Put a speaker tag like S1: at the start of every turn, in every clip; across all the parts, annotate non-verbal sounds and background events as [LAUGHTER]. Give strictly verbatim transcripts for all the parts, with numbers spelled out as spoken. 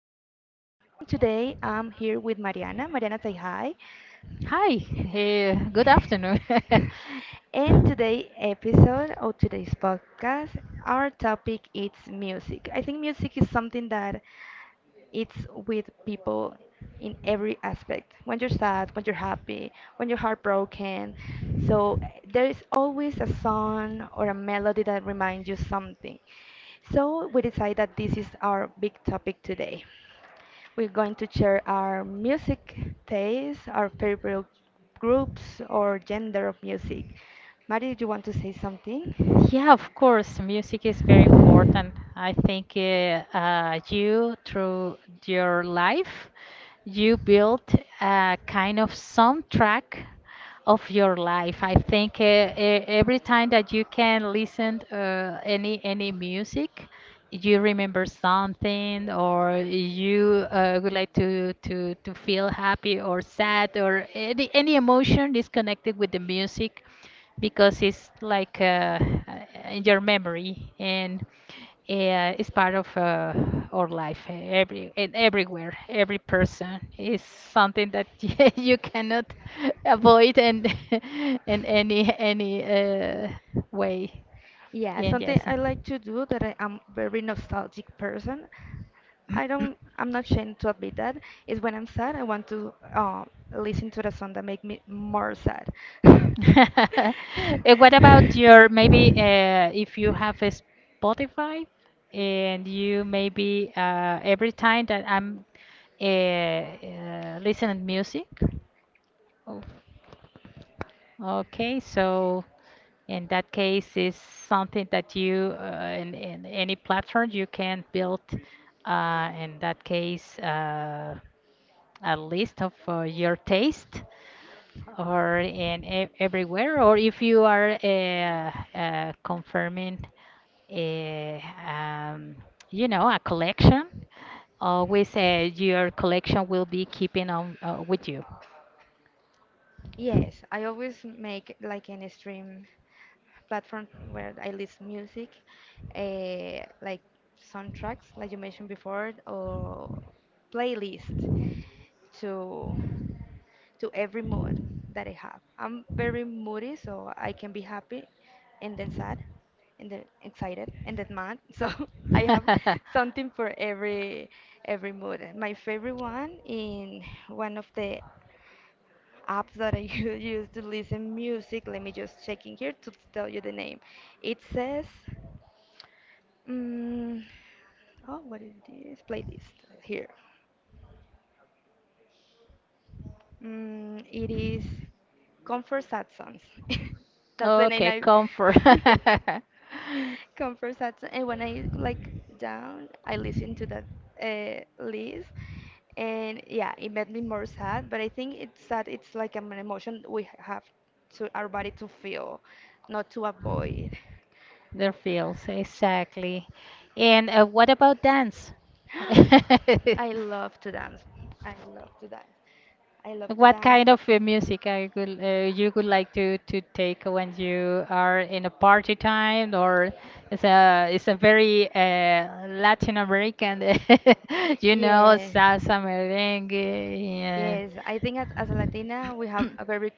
S1: want to call me. And today I'm here with Mariana. Mariana, say hi.
S2: Hi, hey,
S1: [LAUGHS]
S2: good afternoon. [LAUGHS]
S1: And today episode or today's podcast, our topic is music. I think music is something that it's with people in every aspect when you're sad, when you're happy, when you're heartbroken, so eh, there is always a song or a melody that reminds you something, so we decide that this is our big topic today. We're going to share our music taste, our favorite groups or gender of music. Mari, do you want to say something?
S2: Yeah, of course, music is very important. I think uh, uh, you, through your life, you built a kind of soundtrack of your life. I think uh, e- every time that you can listen uh, any any music, you remember something, or you uh, would like to to to feel happy or sad, or any any emotion is connected with the music because it's like uh, in your memory and uh, it's part of uh, our life uh, every and everywhere every person is something that [LAUGHS] you cannot avoid, and [LAUGHS] in any any uh, way
S1: Yeah,
S2: and yes.
S1: something I like to do that I am very nostalgic person. I don't, I'm not ashamed to admit that, is when I'm sad, I want to uh, listen to the song that make me more sad.
S2: [COUGHS]
S1: [LAUGHS]
S2: [LAUGHS] And what about your, maybe, uh, if you have a Spotify, and you, maybe, uh, every time that I'm uh, uh, listening music? Oh, okay, so in that case, is something that you, uh, in, in any platform you can build, uh, in that case, uh, a list of uh, your taste or in e- everywhere, or if you are uh, uh, confirming, uh, um, you know, a collection, always uh, your collection will be keeping on uh, with you.
S1: Yes, I always make like an stream platform where I list music, uh, like soundtracks, like you mentioned before, or playlist to to every mood that I have. I'm very moody, so I can be happy and then sad and then excited and then mad. [LAUGHS] So I have
S2: [LAUGHS]
S1: something for every every mood. My favorite one in one of the apps that I [LAUGHS] u- use to listen music. Let me just check in here to tell you the name. It says, mm, oh, what is this playlist here? Mm, it is Comfort Sad Songs. [LAUGHS] That's the name
S2: Okay,
S1: I.
S2: comfort.
S1: [LAUGHS] Comfort
S2: [LAUGHS]
S1: sad. And when I like down, I listen to that uh, list, and yeah, it made me more sad. But I think it's sad. It's like an emotion we have to our body to feel, not to avoid.
S2: Their fields, exactly. And uh, what about dance? [LAUGHS] I love
S1: [GASPS]
S2: to.
S1: I love to dance. I love to dance. I love to
S2: What dance.
S1: dance.
S2: Kind of uh, music I could, uh, you would like to, to take when you are in a party time, or it's a it's a very uh, Latin American, [LAUGHS] you know,
S1: Yes.
S2: salsa, merengue, and
S1: Yes, I think as, as a
S2: I.
S1: Latina, we have a
S2: [CLEARS THROAT]
S1: very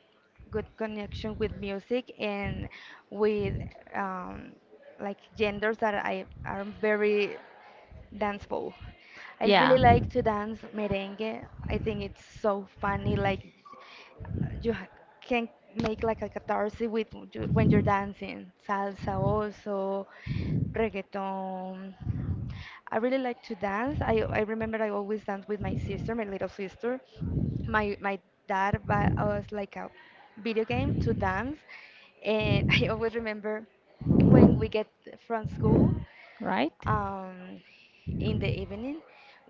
S1: good connection with music and with um, like genders that I are very danceable. I
S2: Yeah,
S1: really like to dance merengue. I think it's so funny, like you ha- can make like a catharsis with you, when you're dancing salsa, also reggaeton. I really like to dance. I i remember I always dance with my sister, my little sister. My my dad bought us like a video game to dance, and [LAUGHS] I always remember when we get from school,
S2: right?
S1: um, in the evening,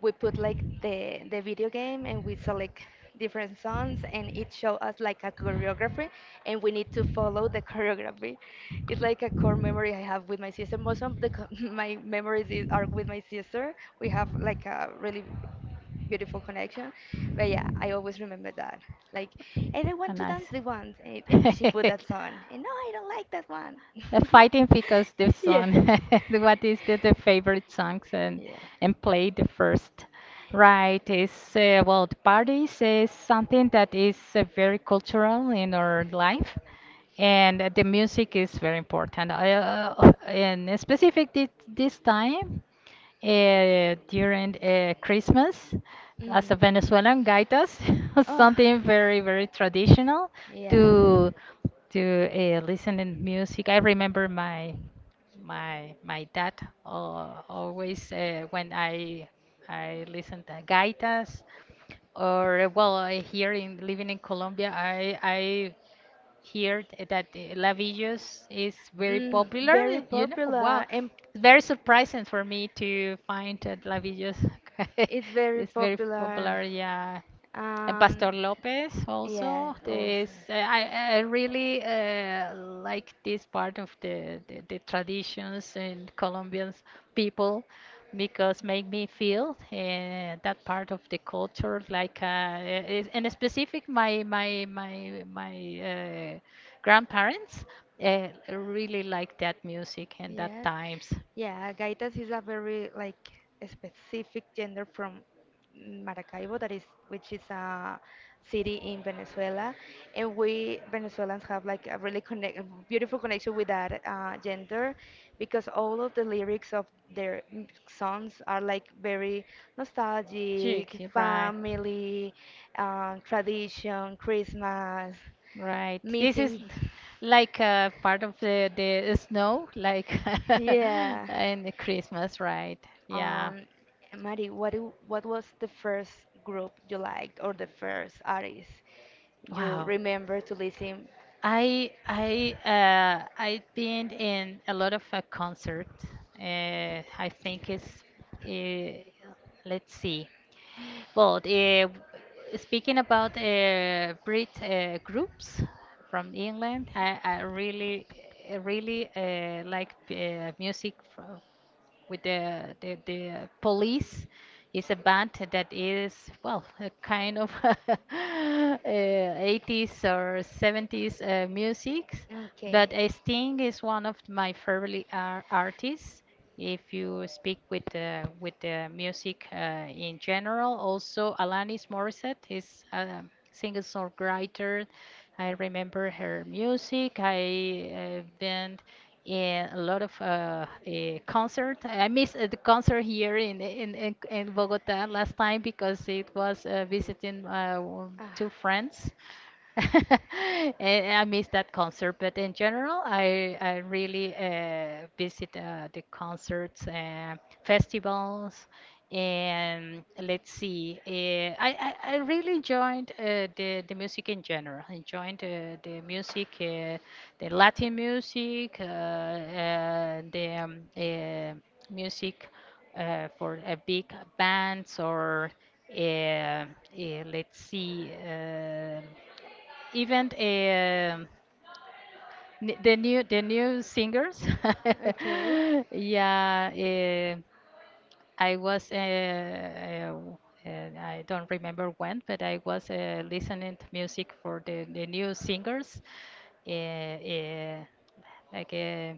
S1: we put like the the video game and we select different songs and it show us like a choreography, and we need to follow the [LAUGHS] choreography. It's like a core memory I have with my sister. Most of the co- [LAUGHS] my memories is- are with my sister. We have like a really beautiful connection. But yeah, I always remember that. Like, and I want to dance the ones, and,
S2: [LAUGHS]
S1: and she put that song. And no, I
S2: [LAUGHS]
S1: don't like that one.
S2: Uh, fighting because this
S1: [LAUGHS] yeah.
S2: song. [LAUGHS] What is the, the favorite songs and
S1: Yeah.
S2: and play the first? Right, is uh, well, the parties is something that is uh, very cultural in our life, and uh, the music is very important. I, uh, and specific this, this time uh, during uh, Christmas, as
S1: Mm.
S2: a Venezuelan, gaitas, [LAUGHS]
S1: Oh,
S2: something very very traditional
S1: yeah.
S2: to to uh, listen in music. I remember my my my dad uh, always, uh, when I I listen to gaitas or uh, well, uh, here in living in Colombia, I I here th- that uh, Lavillos is very
S1: Mm,
S2: popular.
S1: very
S2: You know, wow,
S1: popular, and
S2: it's very surprising for me to find that Lavillos [LAUGHS]
S1: it's very
S2: is very
S1: popular.
S2: popular. Yeah, and
S1: Um,
S2: Pastor Lopez
S1: yeah,
S2: also.
S1: also.
S2: This uh, I, I really uh, like this part of the, the, the traditions and Colombian people because make me feel uh, that part of the culture, like uh, is- and specific
S1: My
S2: my my my my uh, grandparents uh, really like that music and that
S1: Yes.
S2: times.
S1: Yeah, gaitas is a very like a specific gender from Maracaibo, that is, which is a city in Venezuela, and we Venezuelans have like a really connect, beautiful connection with that uh, gender because all of the lyrics of their m- songs are like very nostalgic,
S2: Chick, right,
S1: family, um, tradition, Christmas
S2: right. This is
S1: missing.
S2: [LAUGHS] like uh, part of the, the snow, like [LAUGHS]
S1: Yeah.
S2: in the Christmas, right? Yeah.
S1: Um, Mari, what do- what was the first group you liked or the first artist you
S2: Wow.
S1: remember to listen?
S2: I I uh, I've been in a lot of uh, concert. Uh, I think it's uh, let's see. Well, uh, speaking about uh, Brit uh, groups from England, I, I really I really uh, like uh, music from with the the, the police is a band that is, well, a kind of [LAUGHS] uh, eighties or seventies uh, music,
S1: Okay.
S2: but uh, Sting is one of my favorite ar- artists. If you speak with the with the music uh, in general, also Alanis Morissette is a singer songwriter. I remember her music. I uh, been and a lot of uh, uh, concert. I missed uh, the concert here in in in, in Bogota last time because it was uh, visiting uh, w- two friends. [LAUGHS] And I missed that concert, but in general, I I really uh, visit uh, the concerts, uh, festivals, and let's see. Uh, I, I I really enjoyed uh, the the music in general. I enjoyed uh, the music, uh, the Latin music, uh, uh, the um, uh, music uh, for uh, big bands or uh, uh, let's see, uh, even uh, the new the new singers. [LAUGHS]
S1: Okay. [LAUGHS]
S2: Yeah. Uh, I was, uh, uh, uh, I don't remember when, but I was uh, listening to music for the, the new singers, uh, uh, like uh,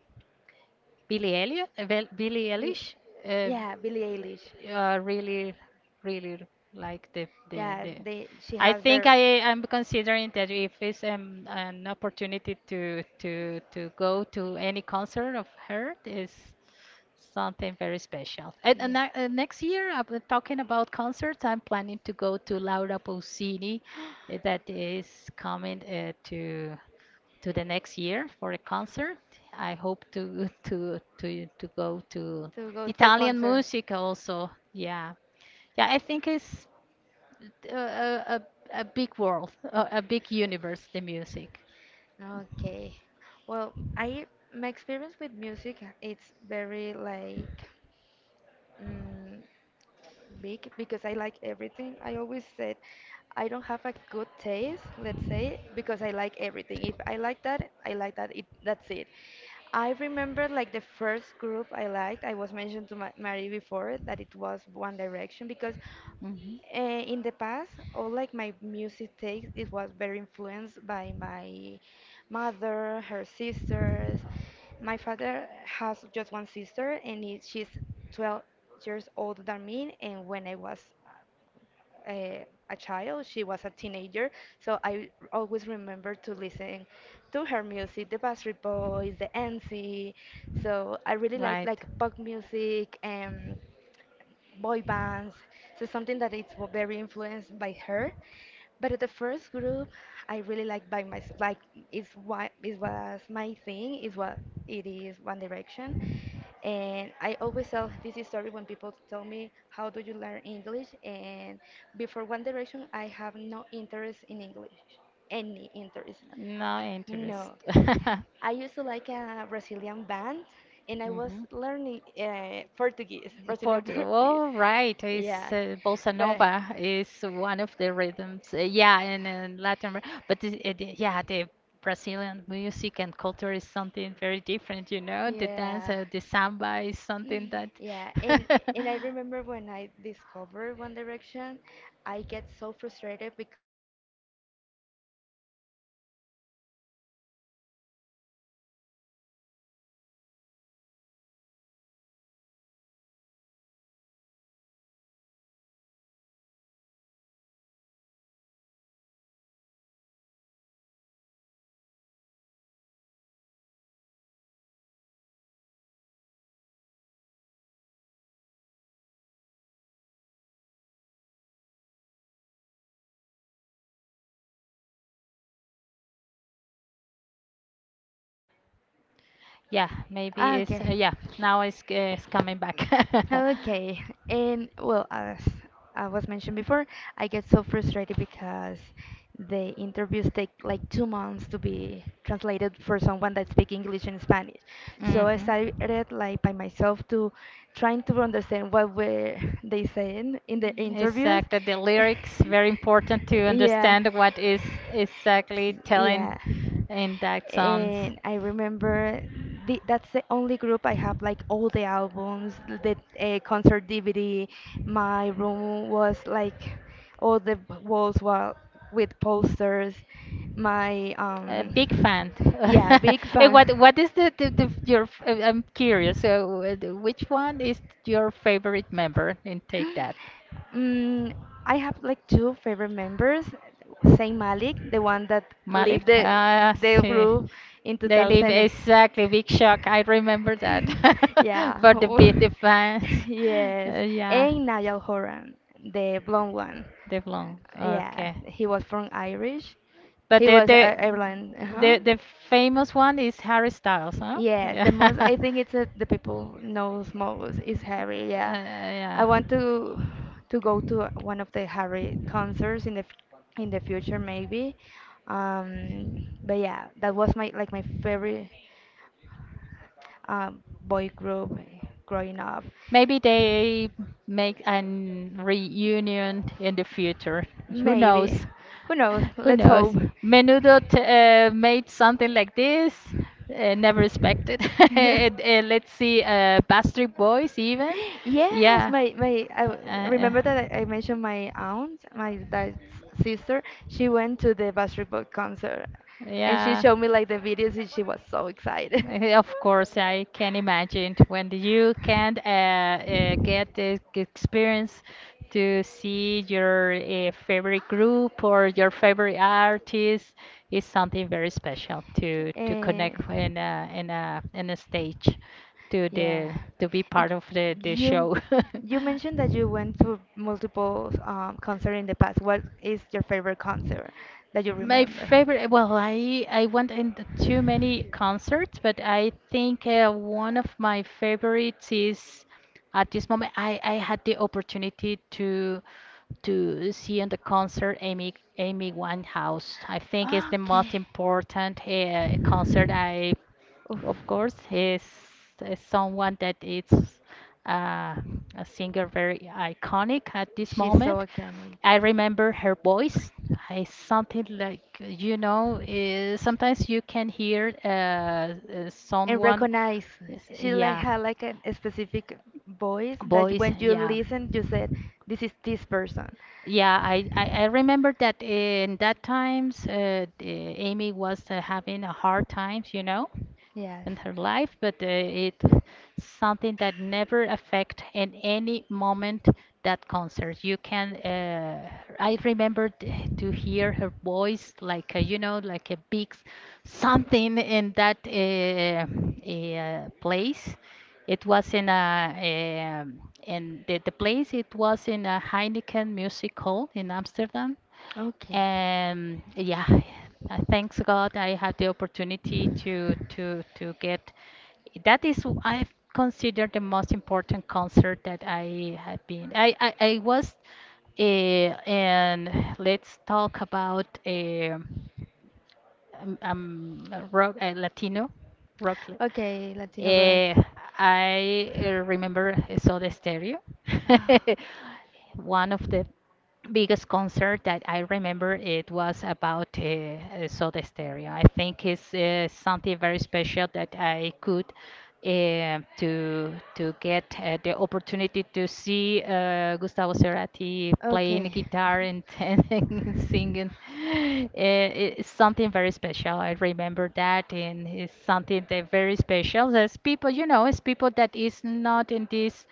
S2: Billie Elliot, uh, Billie
S1: Y-
S2: Eilish, uh,
S1: Yeah, Billie Eilish.
S2: uh, really, really like the the
S1: Yeah,
S2: the.
S1: they she I
S2: I
S1: has.
S2: think I am considering that if it's um, an opportunity to to to go to any concert of her is something very special. And, and I- uh,
S1: Yeah. [GASPS]
S2: next year, I'm talking about concerts. I'm planning to go to Laura Pausini, uh, that
S1: [GASPS]
S2: is coming uh, to to the next year for a concert. I hope to [LAUGHS] to to to go to
S1: To go to the
S2: Italian
S1: concert.
S2: music also. Yeah, yeah. I think it's a a, a a big world, a, a big universe, the music.
S1: Yeah. Okay. Well, I my experience with music it's very like mm, big because I like everything. I always said I don't have a good taste, let's say, because I like everything. If I like that, I like that. It, that's it. I remember like the first group I liked. I was mentioned to Ma- Marie before that it was One Direction because
S2: Mhm.
S1: uh, in the past, all like my music taste, it was very influenced by my mother, her sisters. My father has just one sister, and it, she's twelve years older than me. And when I was a, a child, she was a teenager, so I always remember to listen to her music, the Backstreet Boys, the N C. So I really like like pop music. Um, boy bands. So something that it's w- very influenced by her. But the first group I really like by my like is what it was my thing is what it is One Direction. And I always tell this story when people tell me how do you learn English, and before One Direction I have no interest in English. Any interest.
S2: No interest.
S1: No.
S2: [LAUGHS] And I
S1: I used to like a Brazilian band, and I was learning uh,
S2: [LAUGHS]
S1: Portuguese, Brazilian [LAUGHS]
S2: Portugal.
S1: Portuguese.
S2: Oh, right. It's,
S1: Yeah,
S2: uh, Bossa
S1: but
S2: Nova is one of the rhythms. Uh, yeah, in, in Latin America. But this- it, it- yeah, the Brazilian music and culture is something very different, you know? The dance,
S1: yeah.
S2: uh, the samba is something that.
S1: Yeah, and
S2: [LAUGHS]
S1: and I remember when I discovered One Direction, I get so frustrated because it takes like two months to people that speak English and Spanish to Yo.
S2: Okay.
S1: Agua. Hola,
S2: Estás acá.
S1: hola. Yo tampoco te escucho, Mare. ¿Tú me escuchas?
S2: Mm, mm, mm.
S1: ¿Será que le dimos sal? Y acá abajo no le dimos sal. Ven,
S2: Es
S1: yo
S2: el
S1: le digo.
S2: internet. Es
S1: ¿Es ¿El
S2: the
S1: internet?
S2: internet. And now,
S1: De pro.
S2: hello? Hello? Are you? Yeah, maybe
S1: Ah, ok.
S2: it's, uh, yeah, now it's, uh, it's coming back.
S1: Okay,
S2: [LAUGHS]
S1: and well, as I was mentioned before, I get so frustrated because the interviews take like two months to be translated for someone that speaks English and Spanish. So I
S2: Mhm.
S1: started like by myself to trying to understand what were they saying in the interviews.
S2: Exactly. The lyrics very important to
S1: [LAUGHS] Yeah.
S2: understand what is exactly
S1: Yeah.
S2: telling in that songs.
S1: And I remember the, that's the only group I have like all the albums, the uh, concert D V D. My room was like all the b- walls were with posters. My
S2: A big
S1: um
S2: fan.
S1: yeah, big
S2: [LAUGHS] Eh, What
S1: fan.
S2: what is the, the, the your? F- uh, I'm curious. So uh, the- which one is your favorite member and Take That?
S1: Mm, I have like two favorite members, Saint Malik, the one that left
S2: Malik?
S1: the
S2: Ah,
S1: the
S2: see.
S1: group in
S2: They live
S1: two thousand.
S2: exactly big shock. I remember that
S1: [LAUGHS]
S2: [LAUGHS] for
S1: yeah.
S2: the big the fans.
S1: [LAUGHS]
S2: [LAUGHS]
S1: yes.
S2: Uh, yeah,
S1: And Niall Horan, the blonde one.
S2: they've long.
S1: Yeah,
S2: Okay.
S1: he was from Irish.
S2: But
S1: He
S2: the
S1: was I
S2: the
S1: Ireland. Uh-huh.
S2: the, the famous one is Harry Styles, huh?
S1: Yes, the most
S2: Yeah.
S1: I
S2: [LAUGHS]
S1: think it's uh the people knows most is Harry. Yeah,
S2: Uh,
S1: I
S2: yeah.
S1: want to to go to one of the Harry concerts in the f- in the future maybe. Um, but yeah, that was my like my favorite um, boy group growing up.
S2: Maybe they make an reunion in the future. Who
S1: Maybe,
S2: knows?
S1: who knows?
S2: Who
S1: Let's
S2: knows?
S1: hope.
S2: Menudo t- uh, made something like this. Uh, never expected. [LAUGHS] And, uh, let's see,
S1: [LAUGHS]
S2: uh, Backstreet Boys even.
S1: Yes,
S2: Yeah.
S1: my my I
S2: Uh,
S1: w-
S2: uh,
S1: remember that I I mentioned my aunt, my dad's sister. She went to the Backstreet Boy concert, and she
S2: yeah.
S1: showed me like the videos, and she was so excited.
S2: Eh, of
S1: [LAUGHS]
S2: course, I can imagine when you can uh, uh, get the g- experience to see your uh, favorite group or your favorite artist is something very special to to
S1: Eh,
S2: connect in a in a in a stage to
S1: yeah.
S2: the to be part
S1: It,
S2: of the the
S1: you
S2: show.
S1: you mentioned that you went to multiple um, concert in the past. What
S2: [LAUGHS]
S1: is
S2: [LAUGHS]
S1: your favorite concert that you
S2: My
S1: remember?
S2: favorite, well, I I went into too many concerts, but I think uh, one of my favorites is at this moment. I I had the opportunity to to see in the concert Amy Amy Winehouse. I think it's the
S1: Okay.
S2: most important uh, concert I,
S1: Oof.
S2: of course, he's, is someone that is uh, a singer very iconic at this
S1: She's so
S2: moment.
S1: uncanny
S2: I remember her voice. It's something like, you know, uh, sometimes you can hear uh, uh,
S1: and
S2: someone,
S1: recognize.
S2: yes,
S1: She like
S2: yeah,
S1: had like an- a specific voice that you-
S2: voice,
S1: when you
S2: yeah.
S1: listen, you said, "This is this person."
S2: Yeah, I, I, I remember that in that times, uh, the Amy was uh, having a hard times, you know,
S1: Yes.
S2: in her life, but uh, it's something that never affect in any moment that concert. You can, uh, I remember t- to hear her voice like, uh, you know, like a big s- something in that uh, uh, place. It was in a, um, in the, the place, it was in a Heineken Music Hall in Amsterdam,
S1: Okay.
S2: and yeah, uh, thanks God I had the opportunity to to to get. That is w- I consider the most important concert that I have been. I I, I was, uh, and let's talk about uh, um, um, rock uh, Latino rock. Li-
S1: Okay, Latino rock.
S2: Eh, I uh, remember I saw the stereo,
S1: Ah.
S2: [LAUGHS] one of the biggest concert that I remember, it was about uh, uh, Soda Stereo. I think it's uh, something very special that I could uh, to to get uh, the opportunity to see uh, Gustavo Cerati playing
S1: Okay.
S2: guitar and, [LAUGHS]
S1: Okay.
S2: and singing. Uh, it's something very special. I remember that, and it's something that very special. There's people, you know, it's people that is not in this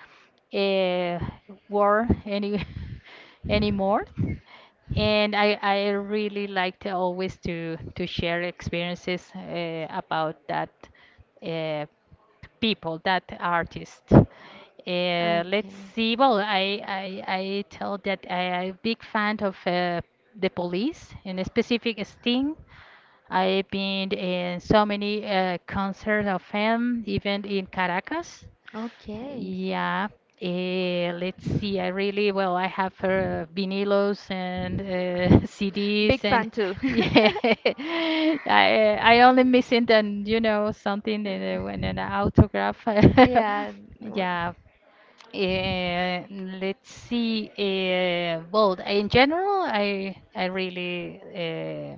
S2: uh, war any [LAUGHS] anymore, and I, I really like to always to to share experiences uh, about that uh, people that artist, uh, let's see, well, I, I I tell that I am a big fan of uh, the police, and a specific Sting. I've been in so many uh, concerts of him, even in Caracas,
S1: Okay.
S2: yeah. Eh, let's see. I really, well, I have uh, vinylos and uh, [LAUGHS] C Ds
S1: Big
S2: and
S1: fan too.
S2: [LAUGHS] yeah. I I only missing
S1: [LAUGHS]
S2: then, you know, something in, uh, when an autograph.
S1: Uh,
S2: [LAUGHS]
S1: yeah. w-
S2: Yeah, uh, let's see. Uh, well, in general, I I really uh,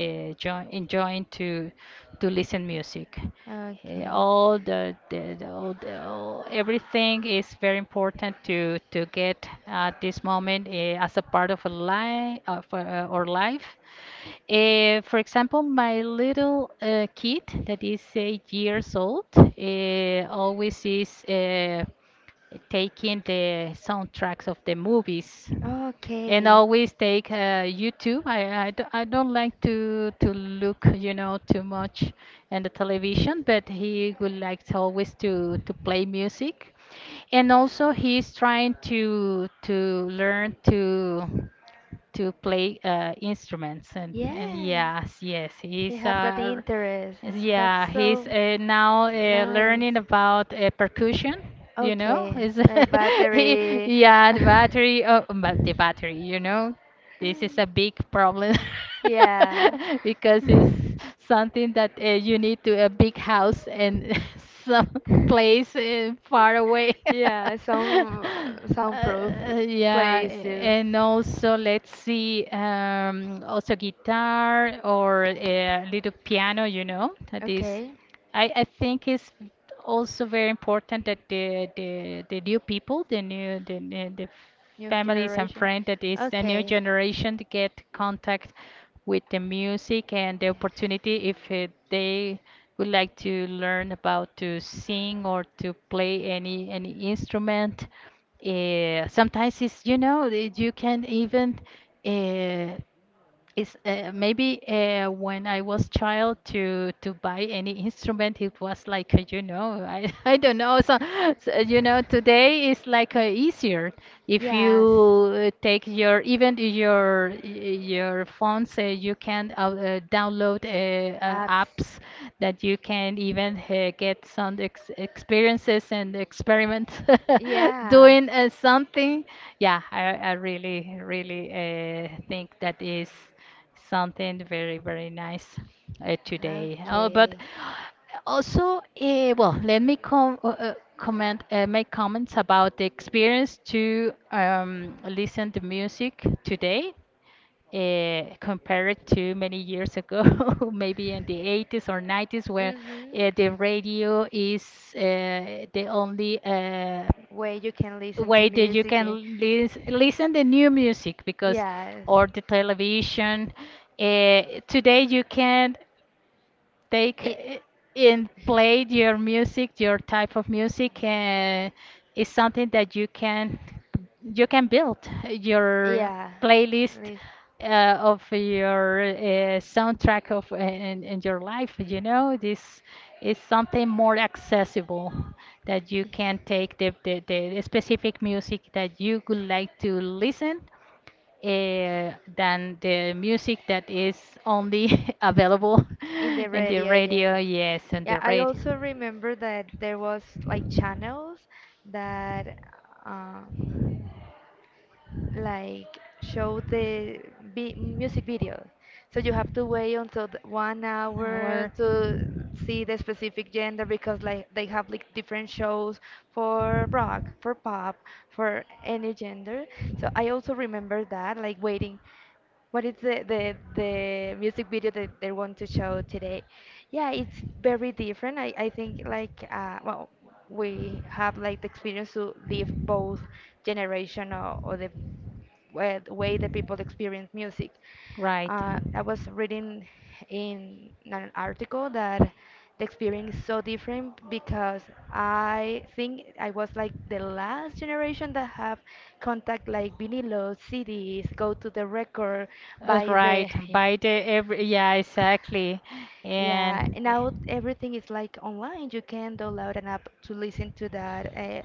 S2: uh, join, enjoying to to listen music. Uh,
S1: Okay.
S2: all the, the, the, all the all, everything is very important to to get at this moment uh, as a part of a life of uh, our life. Uh, for example, my little uh, kid that is eight years old uh, always is. Uh, taking the soundtracks of the movies,
S1: Okay.
S2: and always take uh, YouTube. I, I, d- I don't like to to look, you know, too much in the television, but he would like to always to to play music, and also he's trying to to learn to to play uh, instruments and, and
S1: Yeah.
S2: yes, yes, he's
S1: You have that
S2: uh,
S1: interest.
S2: yeah,
S1: That's
S2: he's
S1: so
S2: uh, now uh,
S1: nice.
S2: learning about uh, percussion. You know,
S1: Okay.
S2: is
S1: The
S2: [LAUGHS] he?
S1: battery.
S2: Yeah, the
S1: [LAUGHS]
S2: battery. Oh, but the battery. You know, this is a big problem
S1: Yeah.
S2: [LAUGHS] because it's something that uh, you need to a big house and [LAUGHS] some place uh, far away.
S1: [LAUGHS] Yeah, some
S2: [LAUGHS]
S1: soundproof
S2: Uh, yeah,
S1: place too.
S2: and also let's see, um, also guitar or a little piano, you know, that is
S1: Okay,
S2: I, I think it's also very important that the, the the new people, the new the, the the
S1: new
S2: families and
S1: generation.
S2: friends that is the new
S1: Okay,
S2: generation to get contact with the music and the opportunity if uh, they would like to learn about to sing or to play any any instrument. Uh, sometimes it's you know it- you can even. Uh, is uh, maybe uh, When I was child to to buy any instrument, it was like uh, you know I, [LAUGHS] I don't know so, so you know Today is like uh, easier if
S1: yes,
S2: you uh, take your even your your phone say you can uh, uh, download uh, uh,
S1: apps.
S2: apps that you can even uh, get sound ex experiences and experiment [LAUGHS]
S1: Yeah.
S2: doing uh,
S1: [LAUGHS]
S2: something. Yeah, I, I really, really uh, think that is something very, very nice uh, today. Oh, but
S1: Okay.
S2: also, uh, well, let me com uh, uh, comment, uh, make comments about the experience to um, listen to music today uh, compared to many years ago, [LAUGHS] maybe in the eighties or nineties, where uh, the radio is uh, the only uh,
S1: Where you can listen to
S2: way that you
S1: music.
S2: can
S1: And-
S2: lis listen the new music because,
S1: Yes.
S2: or the television. Uh, Today you can take
S1: It,
S2: i- in played your music, your type of music, and is something that you can you can build your
S1: yeah.
S2: playlist
S1: Lis-
S2: uh, of your uh, soundtrack of in, in your life. You know, this is something more accessible that you can take the, the, the specific music that you would like to listen uh, than the music that is only [LAUGHS] available
S1: In the
S2: [LAUGHS] in the
S1: radio,
S2: radio.
S1: yeah.
S2: Yes, on
S1: Yeah,
S2: the
S1: I
S2: radio.
S1: also remember that there was like channels that uh, like show the vi- music video. So you have to wait until the one hour
S2: An
S1: to see the specific gender because like they have like different shows for rock, for pop, for any gender. So I also remember that like waiting. What is the, the the music video that they want to show today? Yeah, it's very different. I, I think like uh well we have like the experience to live both generation, or, or the way, the way that people experience music.
S2: Right.
S1: Uh, I
S2: Uh,
S1: was reading in an article that the experience is so different because I think I was like the last generation that have contact like vinyl, C Ds, go to the record, buy
S2: Right.
S1: the
S2: By the every yeah, exactly.
S1: yeah,
S2: And
S1: and now everything is like online. You can download an app to listen to that. Uh,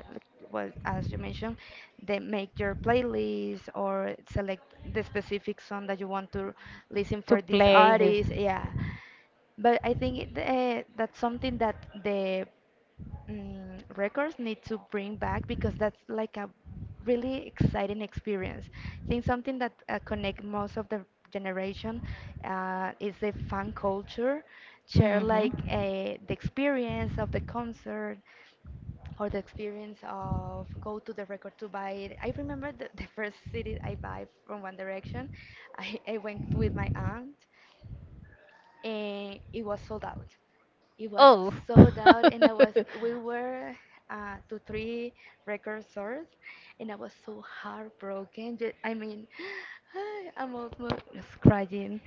S1: well, as you mentioned, they make your playlist or select the specific song that you want to listen
S2: to
S1: for this
S2: play his.
S1: artist. Yeah, but I think it, uh, that's something that the mm, records need to bring back because that's like a really exciting experience. I think something that uh, connect most of the generation uh, is the fan culture, share
S2: Hmm.
S1: like uh, the experience of the concert or the experience of go to the record to buy it. I remember the, the first C D I buy from One Direction. I, I went with my aunt and it was sold out. It was
S2: Oh.
S1: sold out, and I was
S2: [LAUGHS]
S1: we were uh, to three record stores, and I was so heartbroken. Ju- I mean, [GASPS] [SIGHS] I'm almost crying.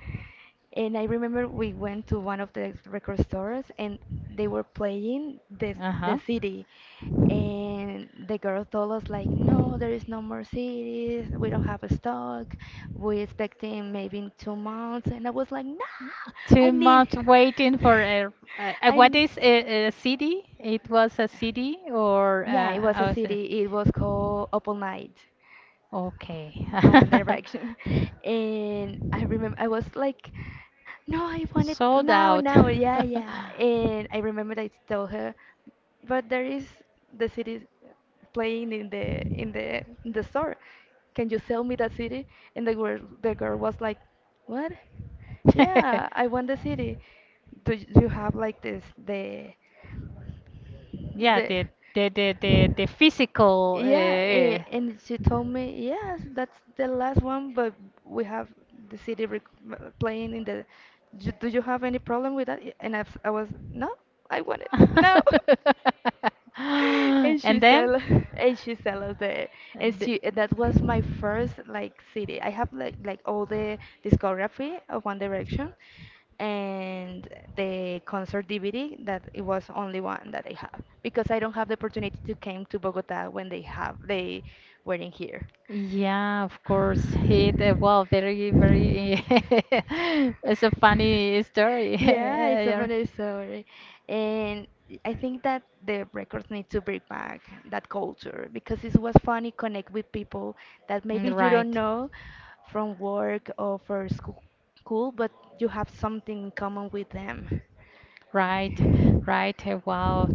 S1: And I remember we went to one of the record stores and they were playing the the
S2: Uh-huh.
S1: city. And the girl told us like, no, there is no more C Ds. We don't have a stock. We expecting maybe in two months. And I was like, no, I
S2: Too
S1: need,
S2: much waiting for a, a
S1: [LAUGHS]
S2: a-
S1: I
S2: what
S1: need.
S2: is a, a city? It was a city or
S1: Yeah,
S2: uh,
S1: it was
S2: how
S1: a
S2: is it?
S1: city. It was called Open Night
S2: Okay.
S1: from One
S2: [LAUGHS]
S1: Direction, [LAUGHS] and I remember I was like, "No, I want it
S2: Sold
S1: now,
S2: out.
S1: now, yeah, yeah." And I remember I told her, "But there is the city playing in the in the in the store. Can you sell me that city? And the girl the girl was like, "What? Yeah, I want the city. Do you do you have like this
S2: [LAUGHS]
S1: the
S2: Yeah,
S1: the?"
S2: the the the the, the physical.
S1: Yeah, eh,
S2: Uh,
S1: and she told me, yes, that's the last one, but we have the city rec m- playing in the. "Do do you have any problem with that? Y- And I, I was, no, I want it. No. [LAUGHS] And
S2: [LAUGHS]
S1: she
S2: and then
S1: sell [LAUGHS] and she sell us the and
S2: the-
S1: she and that was my first like city I have like like all the discography of One Direction and the concert DVD that it was only one that I have because I don't have the opportunity to came to Bogota when they have they were in here.
S2: Yeah, of course. It uh, well, very, very. [LAUGHS] It's a funny story. [LAUGHS]
S1: Yeah, it's a
S2: Yeah.
S1: funny story. And I think that the records need to bring back that culture because it was funny connect with people that maybe
S2: Mm,
S1: you don't
S2: right,
S1: know from work or for school, school, but you have something in common with them.
S2: right, right. uh, Wow.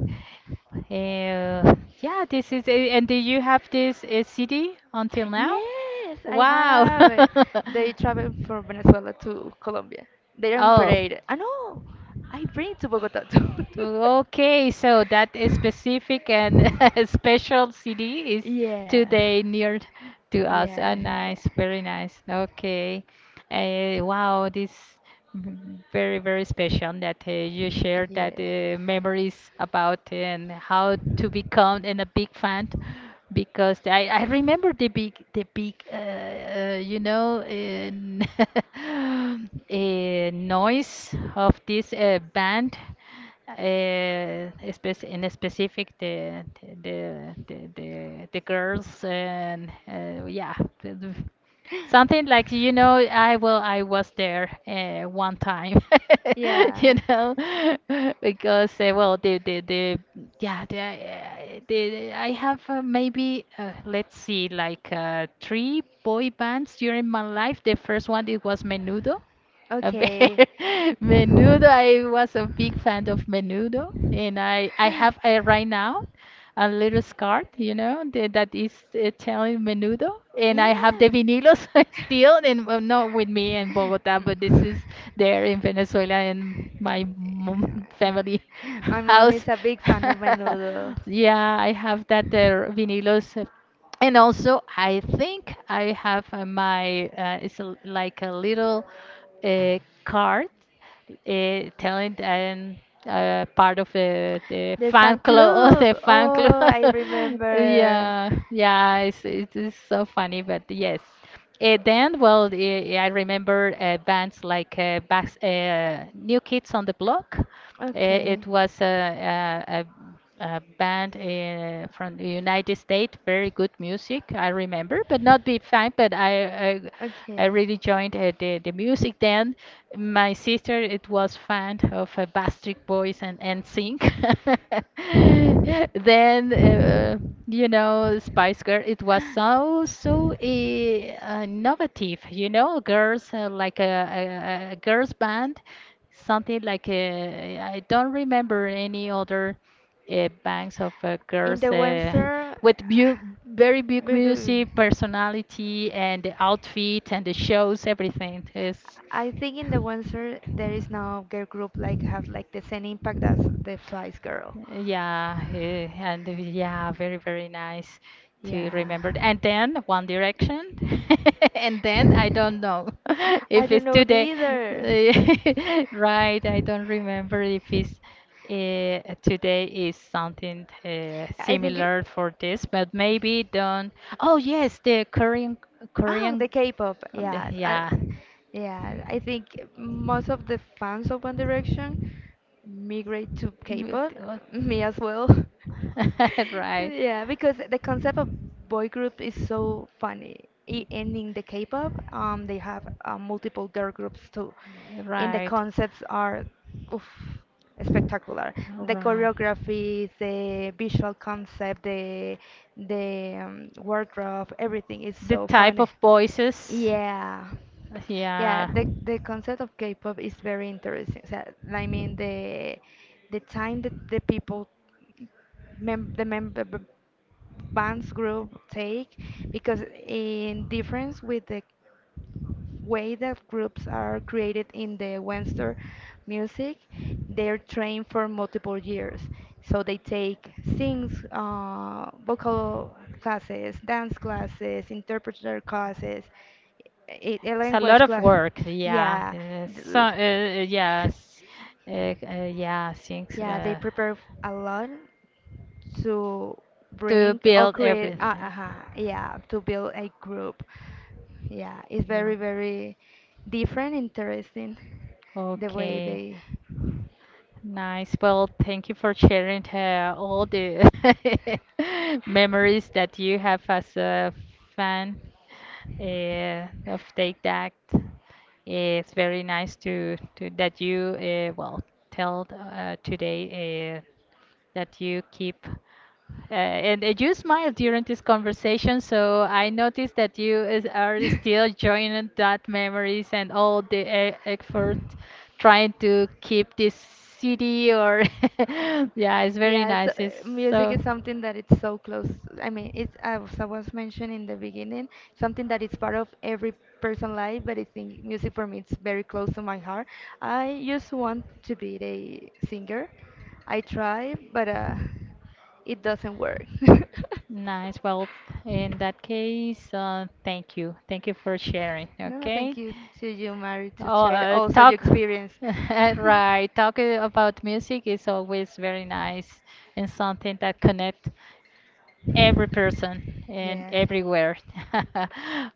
S2: Uh, yeah, this is. a- And do you have this uh, C D until now?
S1: Yes, I
S2: Wow. [LAUGHS]
S1: have it. [LAUGHS] They travel from Venezuela to Colombia. They are in
S2: Oh.
S1: parade. I know. I bring to Bogota too. [LAUGHS]
S2: So, okay, so that is specific and [LAUGHS] special C D is
S1: Yeah.
S2: today near to us. Ah,
S1: Yeah,
S2: nice, very nice. Okay. Uh, wow, this mm, very, very special that uh, you
S1: yeah,
S2: shared that
S1: yeah.
S2: uh, memories about eh, and how to become and a big fan because I, I remember the big the big uh, uh, you know uh, [LAUGHS] uh, noise of this uh, band uh, spec in specific the the the the, the girls and uh, yeah the- the- something like you know I will I was there uh,
S1: [LAUGHS]
S2: one time [LAUGHS] you know [LAUGHS] because uh,
S1: Yeah.
S2: well the the the yeah the, uh, the I have uh, maybe uh, let's see like uh, three boy bands during my life. The first one it was Menudo a bit.
S1: Okay.
S2: [LAUGHS]
S1: Yeah.
S2: Menudo, I was a big fan of Menudo, and I I have uh, right now a little scarf, you know, that, that is uh, telling Menudo, and I have the vinilos [LAUGHS] still,
S1: [LAUGHS]
S2: and well, not with me in Bogota, but this is there in Venezuela in my mom family [LAUGHS]
S1: Mm. My mom
S2: house.
S1: is a big fan of
S2: [LAUGHS]
S1: Menudo.
S2: Yeah, I have that uh, vinilos and also, I think I have uh, my uh, it's a, like a little uh, card uh, telling and uh, part of the the
S1: The
S2: fan
S1: fan
S2: club, [LAUGHS]
S1: club.
S2: the fan club.
S1: Oh, I
S2: [LAUGHS]
S1: remember.
S2: yeah, yeah, it's it is so funny, but yes. Uh, then, well, eh, I remember uh, bands like uh, Bax, uh, New Kids on the Block. Uh, it
S1: Okay.
S2: was a, a, a a band in, from the United States, very good music, I remember, but not big fan, but I I, I
S1: Okay.
S2: really joined uh, the, the music then. My sister, it was fan of uh, Backstreet Boys and N sync. [LAUGHS] Then, uh, you know, Spice Girl, it was so, so uh, innovative, you know, girls, uh, like a, a, a a girls band, something like uh, I don't remember any other uh, banks of uh,
S1: In
S2: girls
S1: the
S2: uh,
S1: winter, uh,
S2: with beau- very big
S1: we go-
S2: music, personality, and the outfit and the shows, everything is.
S1: I think in the winter there is no girl group like has like the same impact as the Spice Girl.
S2: Yeah, eh, and it was- yeah, very, very nice to
S1: Yeah.
S2: remember. And then One Direction, [LAUGHS] and then I don't know [LAUGHS]
S1: [LAUGHS]
S2: if
S1: I don't
S2: it's
S1: know it
S2: today,
S1: either.
S2: eh, [LAUGHS] right? I don't remember if it's uh, today is something uh,
S1: [LAUGHS] I think it,
S2: similar for this, but maybe don't. Oh yes, the Korean,
S1: oh,
S2: Korean,
S1: the K-pop.
S2: the-
S1: Yes. I,
S2: yeah.
S1: yeah, I think most of the fans of One Direction migrate to
S2: But
S1: K-pop, [LAUGHS] me
S2: it
S1: as well. [LAUGHS]
S2: [LAUGHS] right.
S1: Yeah, because the concept of boy group is so funny. I- And in the K-pop, um, they have uh, multiple girl groups too, and the
S2: Right.
S1: concepts are, oof, spectacular. The
S2: Right.
S1: choreography, the visual concept, the the um, wardrobe, everything is
S2: The
S1: so
S2: type
S1: fun.
S2: of voices.
S1: Yeah. Yeah,
S2: Yeah.
S1: the the concept of K-pop is very interesting. So, I mean the the time that the people mem the member bands group take, because in difference with the way that groups are created in the Western music, they're trained for multiple years. So they take sings, uh, vocal classes, dance classes, interpreter classes, a, a
S2: It's a lot
S1: language
S2: of
S1: class.
S2: work, yeah.
S1: Yeah.
S2: Uh, so,
S1: th-
S2: uh, uh, yes, uh, uh, yeah, things
S1: Yeah, they
S2: uh,
S1: prepare a lot to
S2: to
S1: bring or
S2: build
S1: create
S2: everything.
S1: uh, uh yeah to build a group, yeah, it's
S2: Mm.
S1: very very different, interesting, the way
S2: Okay.
S1: they
S2: Nice. Well, thank you for sharing uh, all the [LAUGHS] memories that you have as a fan uh, of Take That. It's very nice to, to that you uh, well tell uh, today uh, that you keep. Uh, and uh, you smiled during this conversation, so I noticed that you is, are still joining that memories and all the e- effort trying to keep this city
S1: [LAUGHS]
S2: or [LAUGHS] yeah, it's very
S1: yeah, it's, uh,
S2: nice. It's
S1: music
S2: so
S1: is something that it's so close. I mean, it's as I was mentioned in the beginning, something that is part of every person's life. But I think music for me it's very close to my heart. I just want to be a singer. I try, but uh, it doesn't work. [LAUGHS]
S2: Nice. Well, in that case, uh, thank you. Thank you for sharing.
S1: No,
S2: Okay.
S1: thank you to you, Mary, to
S2: Oh,
S1: share
S2: uh,
S1: also your
S2: talk.
S1: experience.
S2: [LAUGHS] Right. Talking about music is always very nice and
S1: [LAUGHS]
S2: something that connect every person and
S1: Yeah.
S2: everywhere. [LAUGHS]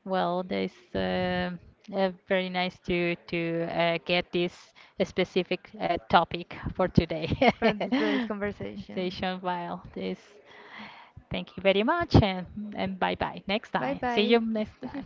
S2: Well, this uh, uh, very nice to to uh, get this specific uh, topic for today.
S1: From today's
S2: [LAUGHS]
S1: conversation.
S2: Station file. This. Thank you very much and and bye bye. Next
S1: Bye
S2: time. See you
S1: bye.
S2: next
S1: [LAUGHS]
S2: time.